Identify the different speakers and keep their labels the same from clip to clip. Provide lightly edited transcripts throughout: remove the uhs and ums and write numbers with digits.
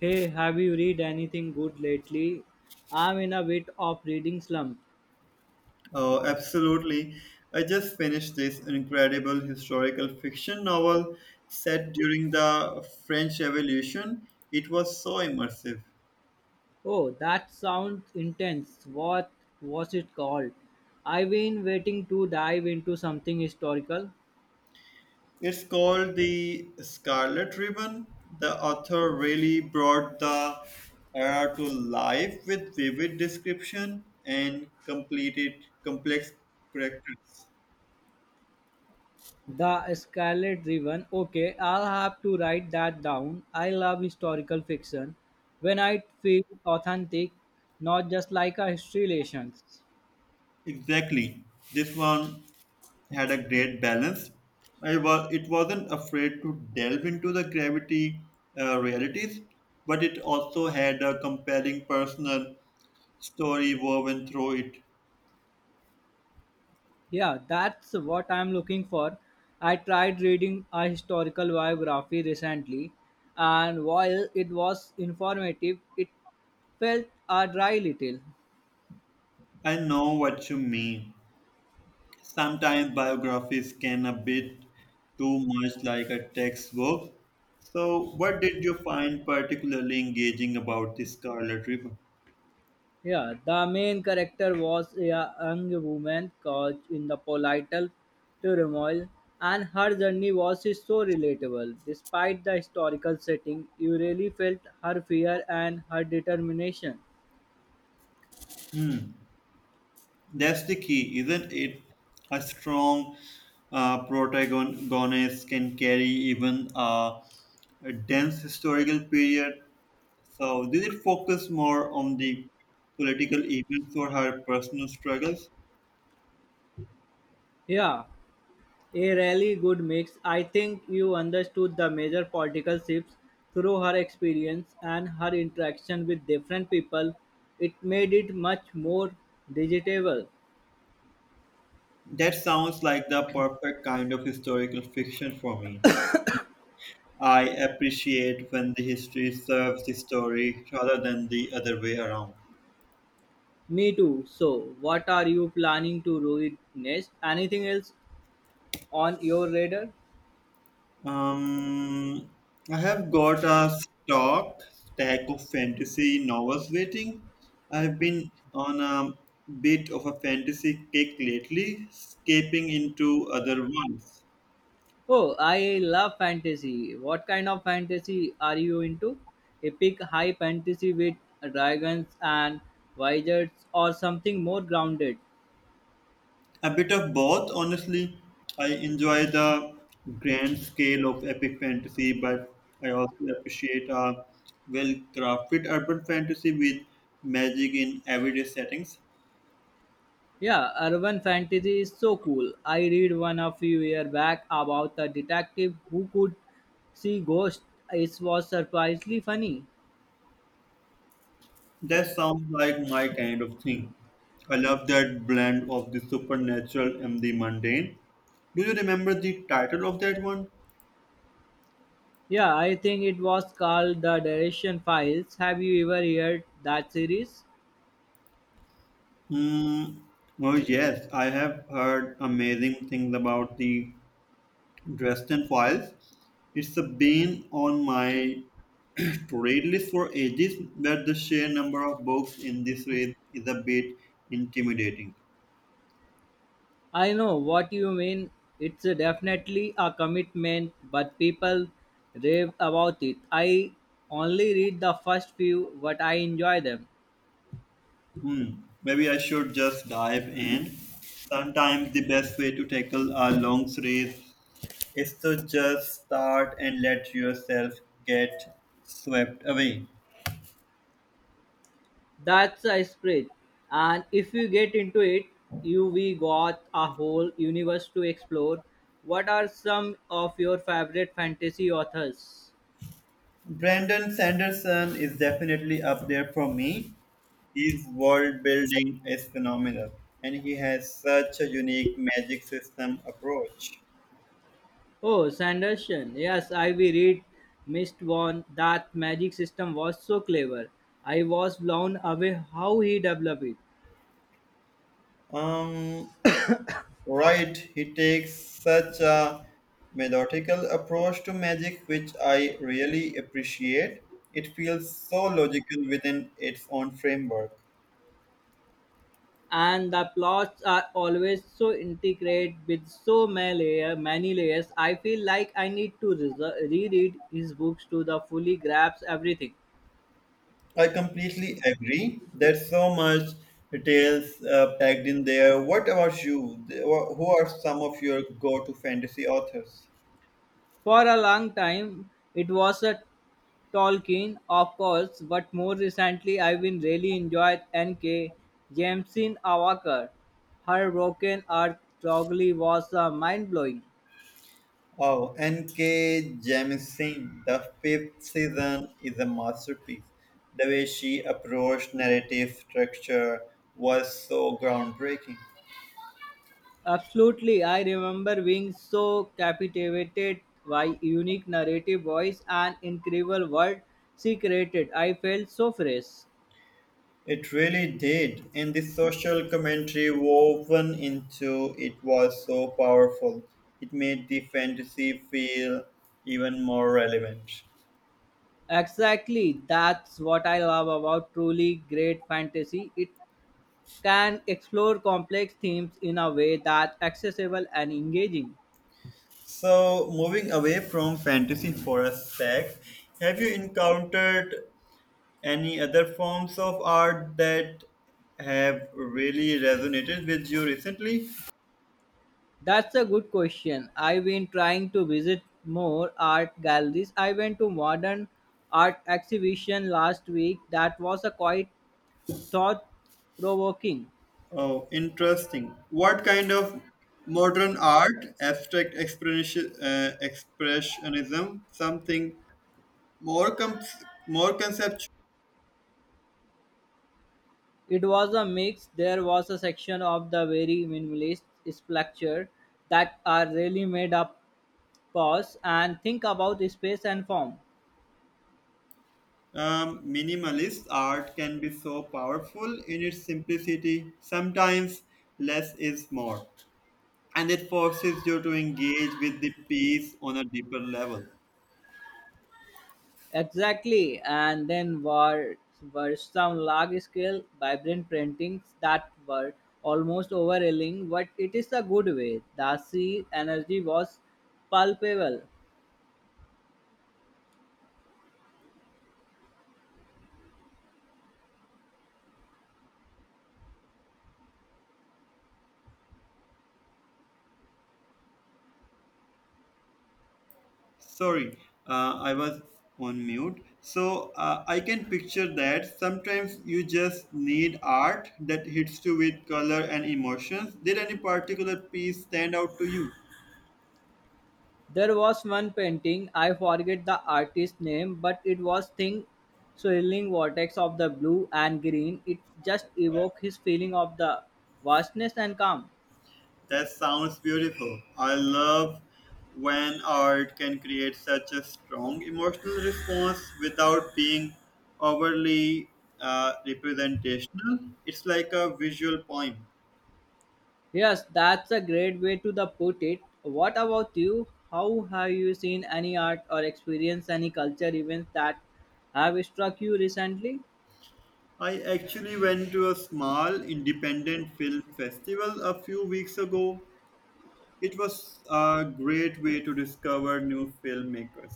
Speaker 1: Hey, have you read anything good lately? I'm in a bit of reading slump.
Speaker 2: Oh, absolutely. I just finished this incredible historical fiction novel set during the French Revolution. It was so immersive.
Speaker 1: Oh, that sounds intense. What was it called? I've been waiting to dive into something historical.
Speaker 2: It's called The Scarlet Ribbon. The author really brought the era to life with vivid description and completed complex characters.
Speaker 1: The Scarlet Ribbon. Okay, I'll have to write that down. I love historical fiction. When I feel authentic, not just like a history lesson.
Speaker 2: Exactly. This one had a great balance. It wasn't afraid to delve into the gravity realities, but it also had a compelling personal story woven through it.
Speaker 1: Yeah, that's what I'm looking for. I tried reading a historical biography recently, and while it was informative, it felt a dry little.
Speaker 2: I know what you mean. Sometimes biographies can a bit too much like a textbook. So, what did you find particularly engaging about the Scarlet Ribbon?
Speaker 1: Yeah, the main character was a young woman caught in the political turmoil, and her journey was so relatable. Despite the historical setting, you really felt her fear and her determination.
Speaker 2: Hmm. That's the key, isn't it? A strong protagonist can carry even a dense historical period. So, did it focus more on the political events or her personal struggles?
Speaker 1: Yeah, a really good mix. I think you understood the major political shifts through her experience and her interaction with different people. It made it much more digestible.
Speaker 2: That sounds like the perfect kind of historical fiction for me. I appreciate when the history serves the story rather than the other way around.
Speaker 1: Me too. So, what are you planning to read next? Anything else on your radar?
Speaker 2: Um, I have got a stock stack of fantasy novels waiting. I've been on a bit of a fantasy kick lately, escaping into other ones.
Speaker 1: Oh, I love fantasy. What kind of fantasy are you into? Epic high fantasy with dragons and wizards, or something more grounded?
Speaker 2: A bit of both, honestly. I enjoy the grand scale of epic fantasy, but I also appreciate a well crafted urban fantasy with magic in everyday settings.
Speaker 1: Yeah, urban fantasy is so cool. I read one a few years back about a detective who could see ghosts. It was surprisingly funny.
Speaker 2: That sounds like my kind of thing. I love that blend of the supernatural and the mundane. Do you remember the title of that one?
Speaker 1: Yeah, I think it was called The Direction Files. Have you ever heard that series?
Speaker 2: Hmm. Oh yes, I have heard amazing things about the Dresden Files. It's been on my to read list for ages, but the sheer number of books in this series is a bit intimidating.
Speaker 1: I know what you mean. It's a definitely a commitment, but people rave about it. I only read the first few, but I enjoy them.
Speaker 2: Hmm. Maybe I should just dive in. Sometimes the best way to tackle a long race is to just start and let yourself get swept away.
Speaker 1: That's a spread. And if you get into it, you we got a whole universe to explore. What are some of your favorite fantasy authors?
Speaker 2: Brandon Sanderson is definitely up there for me. His world building is phenomenal, and he has such a unique magic system approach.
Speaker 1: Oh, Sanderson. Yes, I we read Mist One. That magic system was so clever. I was blown away how he developed it.
Speaker 2: Um, Right, he takes such a methodical approach to magic, which I really appreciate. It feels so logical within its own framework.
Speaker 1: And the plots are always so intricate with so many layers. I feel like I need to reread his books to the fully grasp everything.
Speaker 2: I completely agree. There's so much details packed in there. What about you? Who are some of your go-to fantasy authors?
Speaker 1: For a long time, it was a Tolkien, of course, but more recently, I've been really enjoyed N.K. Jameson Awakar. Her broken Earth* strongly was mind blowing.
Speaker 2: Oh, N.K. Jemisin, the fifth season is a masterpiece. The way she approached narrative structure was so groundbreaking.
Speaker 1: Absolutely, I remember being so captivated by unique narrative voice and incredible world she created. I felt so fresh.
Speaker 2: It really did, and the social commentary woven into it was so powerful. It made the fantasy feel even more relevant.
Speaker 1: Exactly, that's what I love about truly great fantasy. It can explore complex themes in a way that's accessible and engaging.
Speaker 2: So, moving away from fantasy for a sec, have you encountered any other forms of art that have really resonated with you recently?
Speaker 1: That's a good question. I've been trying to visit more art galleries. I went to modern art exhibition last week that was a quite thought provoking.
Speaker 2: Oh, interesting. What kind of modern art, abstract expressionism, something more com- more conceptual?
Speaker 1: It was a mix. There was a section of the very minimalist sculpture that are really made up pause and think about space and form.
Speaker 2: Minimalist art can be so powerful in its simplicity. Sometimes less is more, and it forces you to engage with the piece on a deeper level.
Speaker 1: Exactly, and then were some large scale vibrant paintings that were almost overwhelming, but it is a good way. The sea energy was palpable.
Speaker 2: Sorry, I was on mute. So I can picture that sometimes you just need art that hits you with color and emotions. Did any particular piece stand out to you?
Speaker 1: There was one painting, I forget the artist's name, but it was thin swirling vortex of the blue and green. It just evoked his feeling of the vastness and calm.
Speaker 2: That sounds beautiful. I love when art can create such a strong emotional response without being overly representational. It's like a visual poem.
Speaker 1: Yes, that's a great way to the put it. What about you? How have you seen any art or experienced any culture events that have struck you recently?
Speaker 2: I actually went to a small independent film festival a few weeks ago. It was a great way to discover new filmmakers.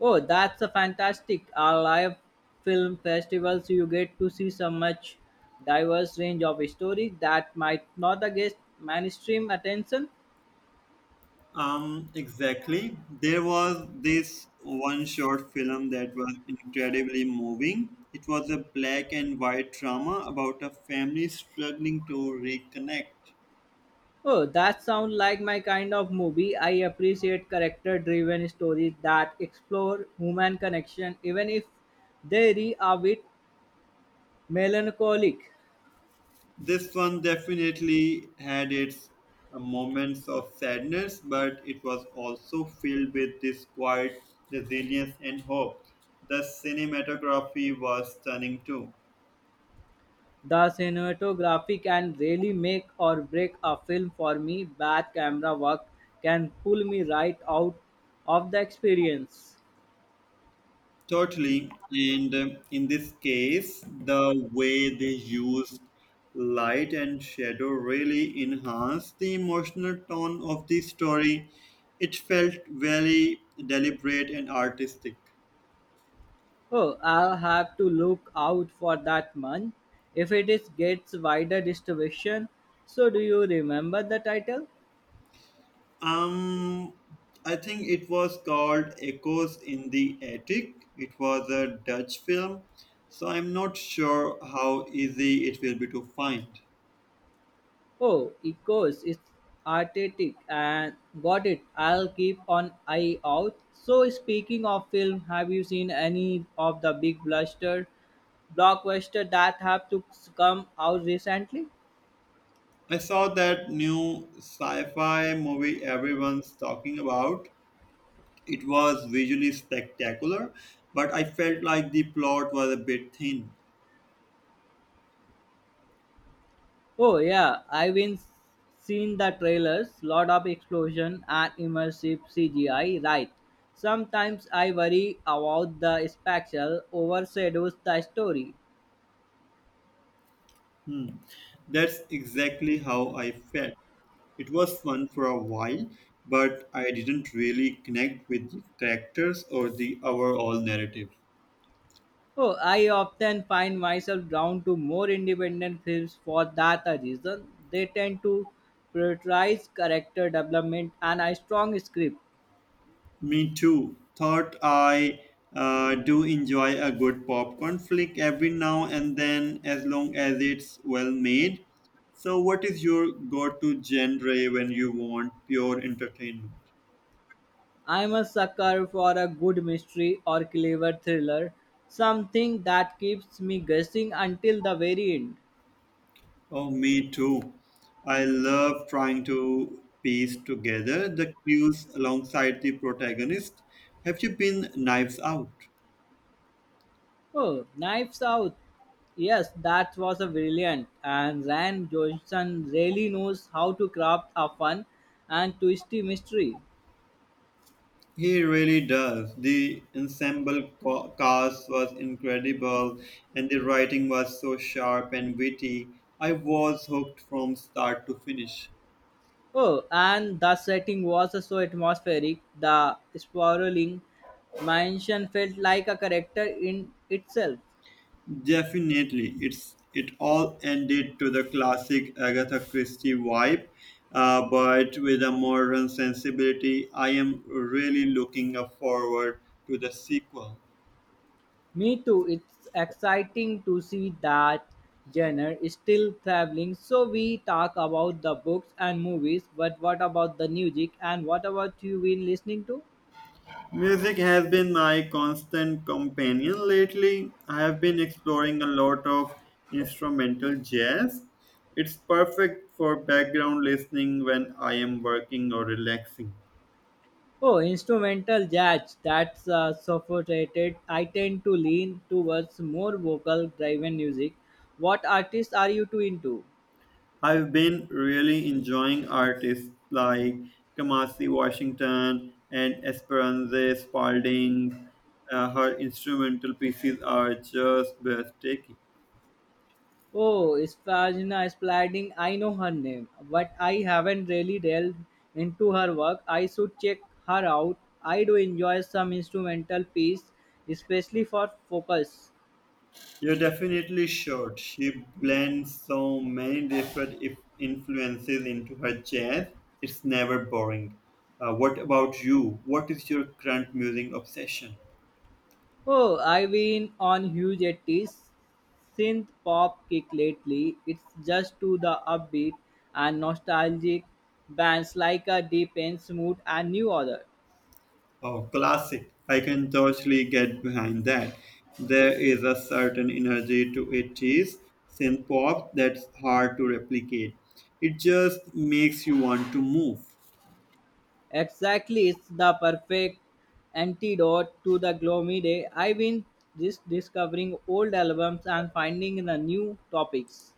Speaker 1: Oh, that's a fantastic. Our live film festivals, you get to see so much diverse range of stories that might not get mainstream attention.
Speaker 2: Exactly. There was this one short film that was incredibly moving. It was a black and white drama about a family struggling to reconnect.
Speaker 1: Oh, that sounds like my kind of movie. I appreciate character-driven stories that explore human connection, even if they are a bit melancholic.
Speaker 2: This one definitely had its moments of sadness, but it was also filled with this quiet resilience and hope. The cinematography was stunning too.
Speaker 1: The cinematography can really make or break a film for me. Bad camera work can pull me right out of the experience.
Speaker 2: Totally. And in this case, the way they used light and shadow really enhanced the emotional tone of the story. It felt very deliberate and artistic.
Speaker 1: Oh, I'll have to look out for that one. If it is gets wider distribution, so do you remember the title?
Speaker 2: Um, I think it was called Echoes in the Attic. It was a Dutch film, so I'm not sure how easy it will be to find.
Speaker 1: Oh, Echoes is artistic and got it. I'll keep an eye out. So, speaking of film, have you seen any of the big bluster blockbuster that have to come out recently?
Speaker 2: I saw that new sci fi movie everyone's talking about. It was visually spectacular, but I felt like the plot was a bit thin.
Speaker 1: Oh yeah, I've been seen the trailers. Lot of explosion and immersive CGI. Right. Sometimes I worry about the spectacle overshadows the story.
Speaker 2: Hmm. That's exactly how I felt. It was fun for a while, but I didn't really connect with the characters or the overall narrative.
Speaker 1: Oh, I often find myself drawn to more independent films for that reason. They tend to prioritize character development and a strong script.
Speaker 2: Me too. Thought I do enjoy a good popcorn flick every now and then, as long as it's well made. So, what is your go-to genre when you want pure entertainment?
Speaker 1: I'm a sucker for a good mystery or clever thriller, something that keeps me guessing until the very end.
Speaker 2: Oh, me too. I love trying to piece together the clues alongside the protagonist. Have you been Knives Out?
Speaker 1: Oh, Knives Out. Yes, that was a brilliant, and Ryan Johnson really knows how to craft a fun and twisty mystery.
Speaker 2: He really does. The cast was incredible, and the writing was so sharp and witty. I was hooked from start to finish.
Speaker 1: Oh, and the setting was so atmospheric. The sprawling mansion felt like a character in itself.
Speaker 2: Definitely, it all ended to the classic Agatha Christie vibe, but with a modern sensibility. I am really looking forward to the sequel.
Speaker 1: Me too. It's exciting to see that genre is still traveling. So we talk about the books and movies, but what about the music, and what about you been listening to?
Speaker 2: Music has been my constant companion lately. I have been exploring a lot of instrumental jazz. It's perfect for background listening when I am working or relaxing.
Speaker 1: Oh, instrumental jazz, that's sophisticated. I tend to lean towards more vocal driven music. What artists are you too into?
Speaker 2: I've been really enjoying artists like Kamasi Washington and Esperanza Spalding. Her instrumental pieces are just breathtaking.
Speaker 1: Oh, Spargina Spalding, I know her name, but I haven't really delved into her work. I should check her out. I do enjoy some instrumental piece, especially for focus.
Speaker 2: You definitely should. She blends so many different if influences into her jazz. It's never boring. What about you? What is your current music obsession?
Speaker 1: Oh, I've been on huge 80s synth pop kick lately. It's just to the upbeat and nostalgic bands like a deep and smooth and new order.
Speaker 2: Oh, classic. I can totally get behind that. There is a certain energy to 80s synth pop that's hard to replicate. It just makes you want to move.
Speaker 1: Exactly, it's the perfect antidote to the gloomy day. I've been just discovering old albums and finding the new topics.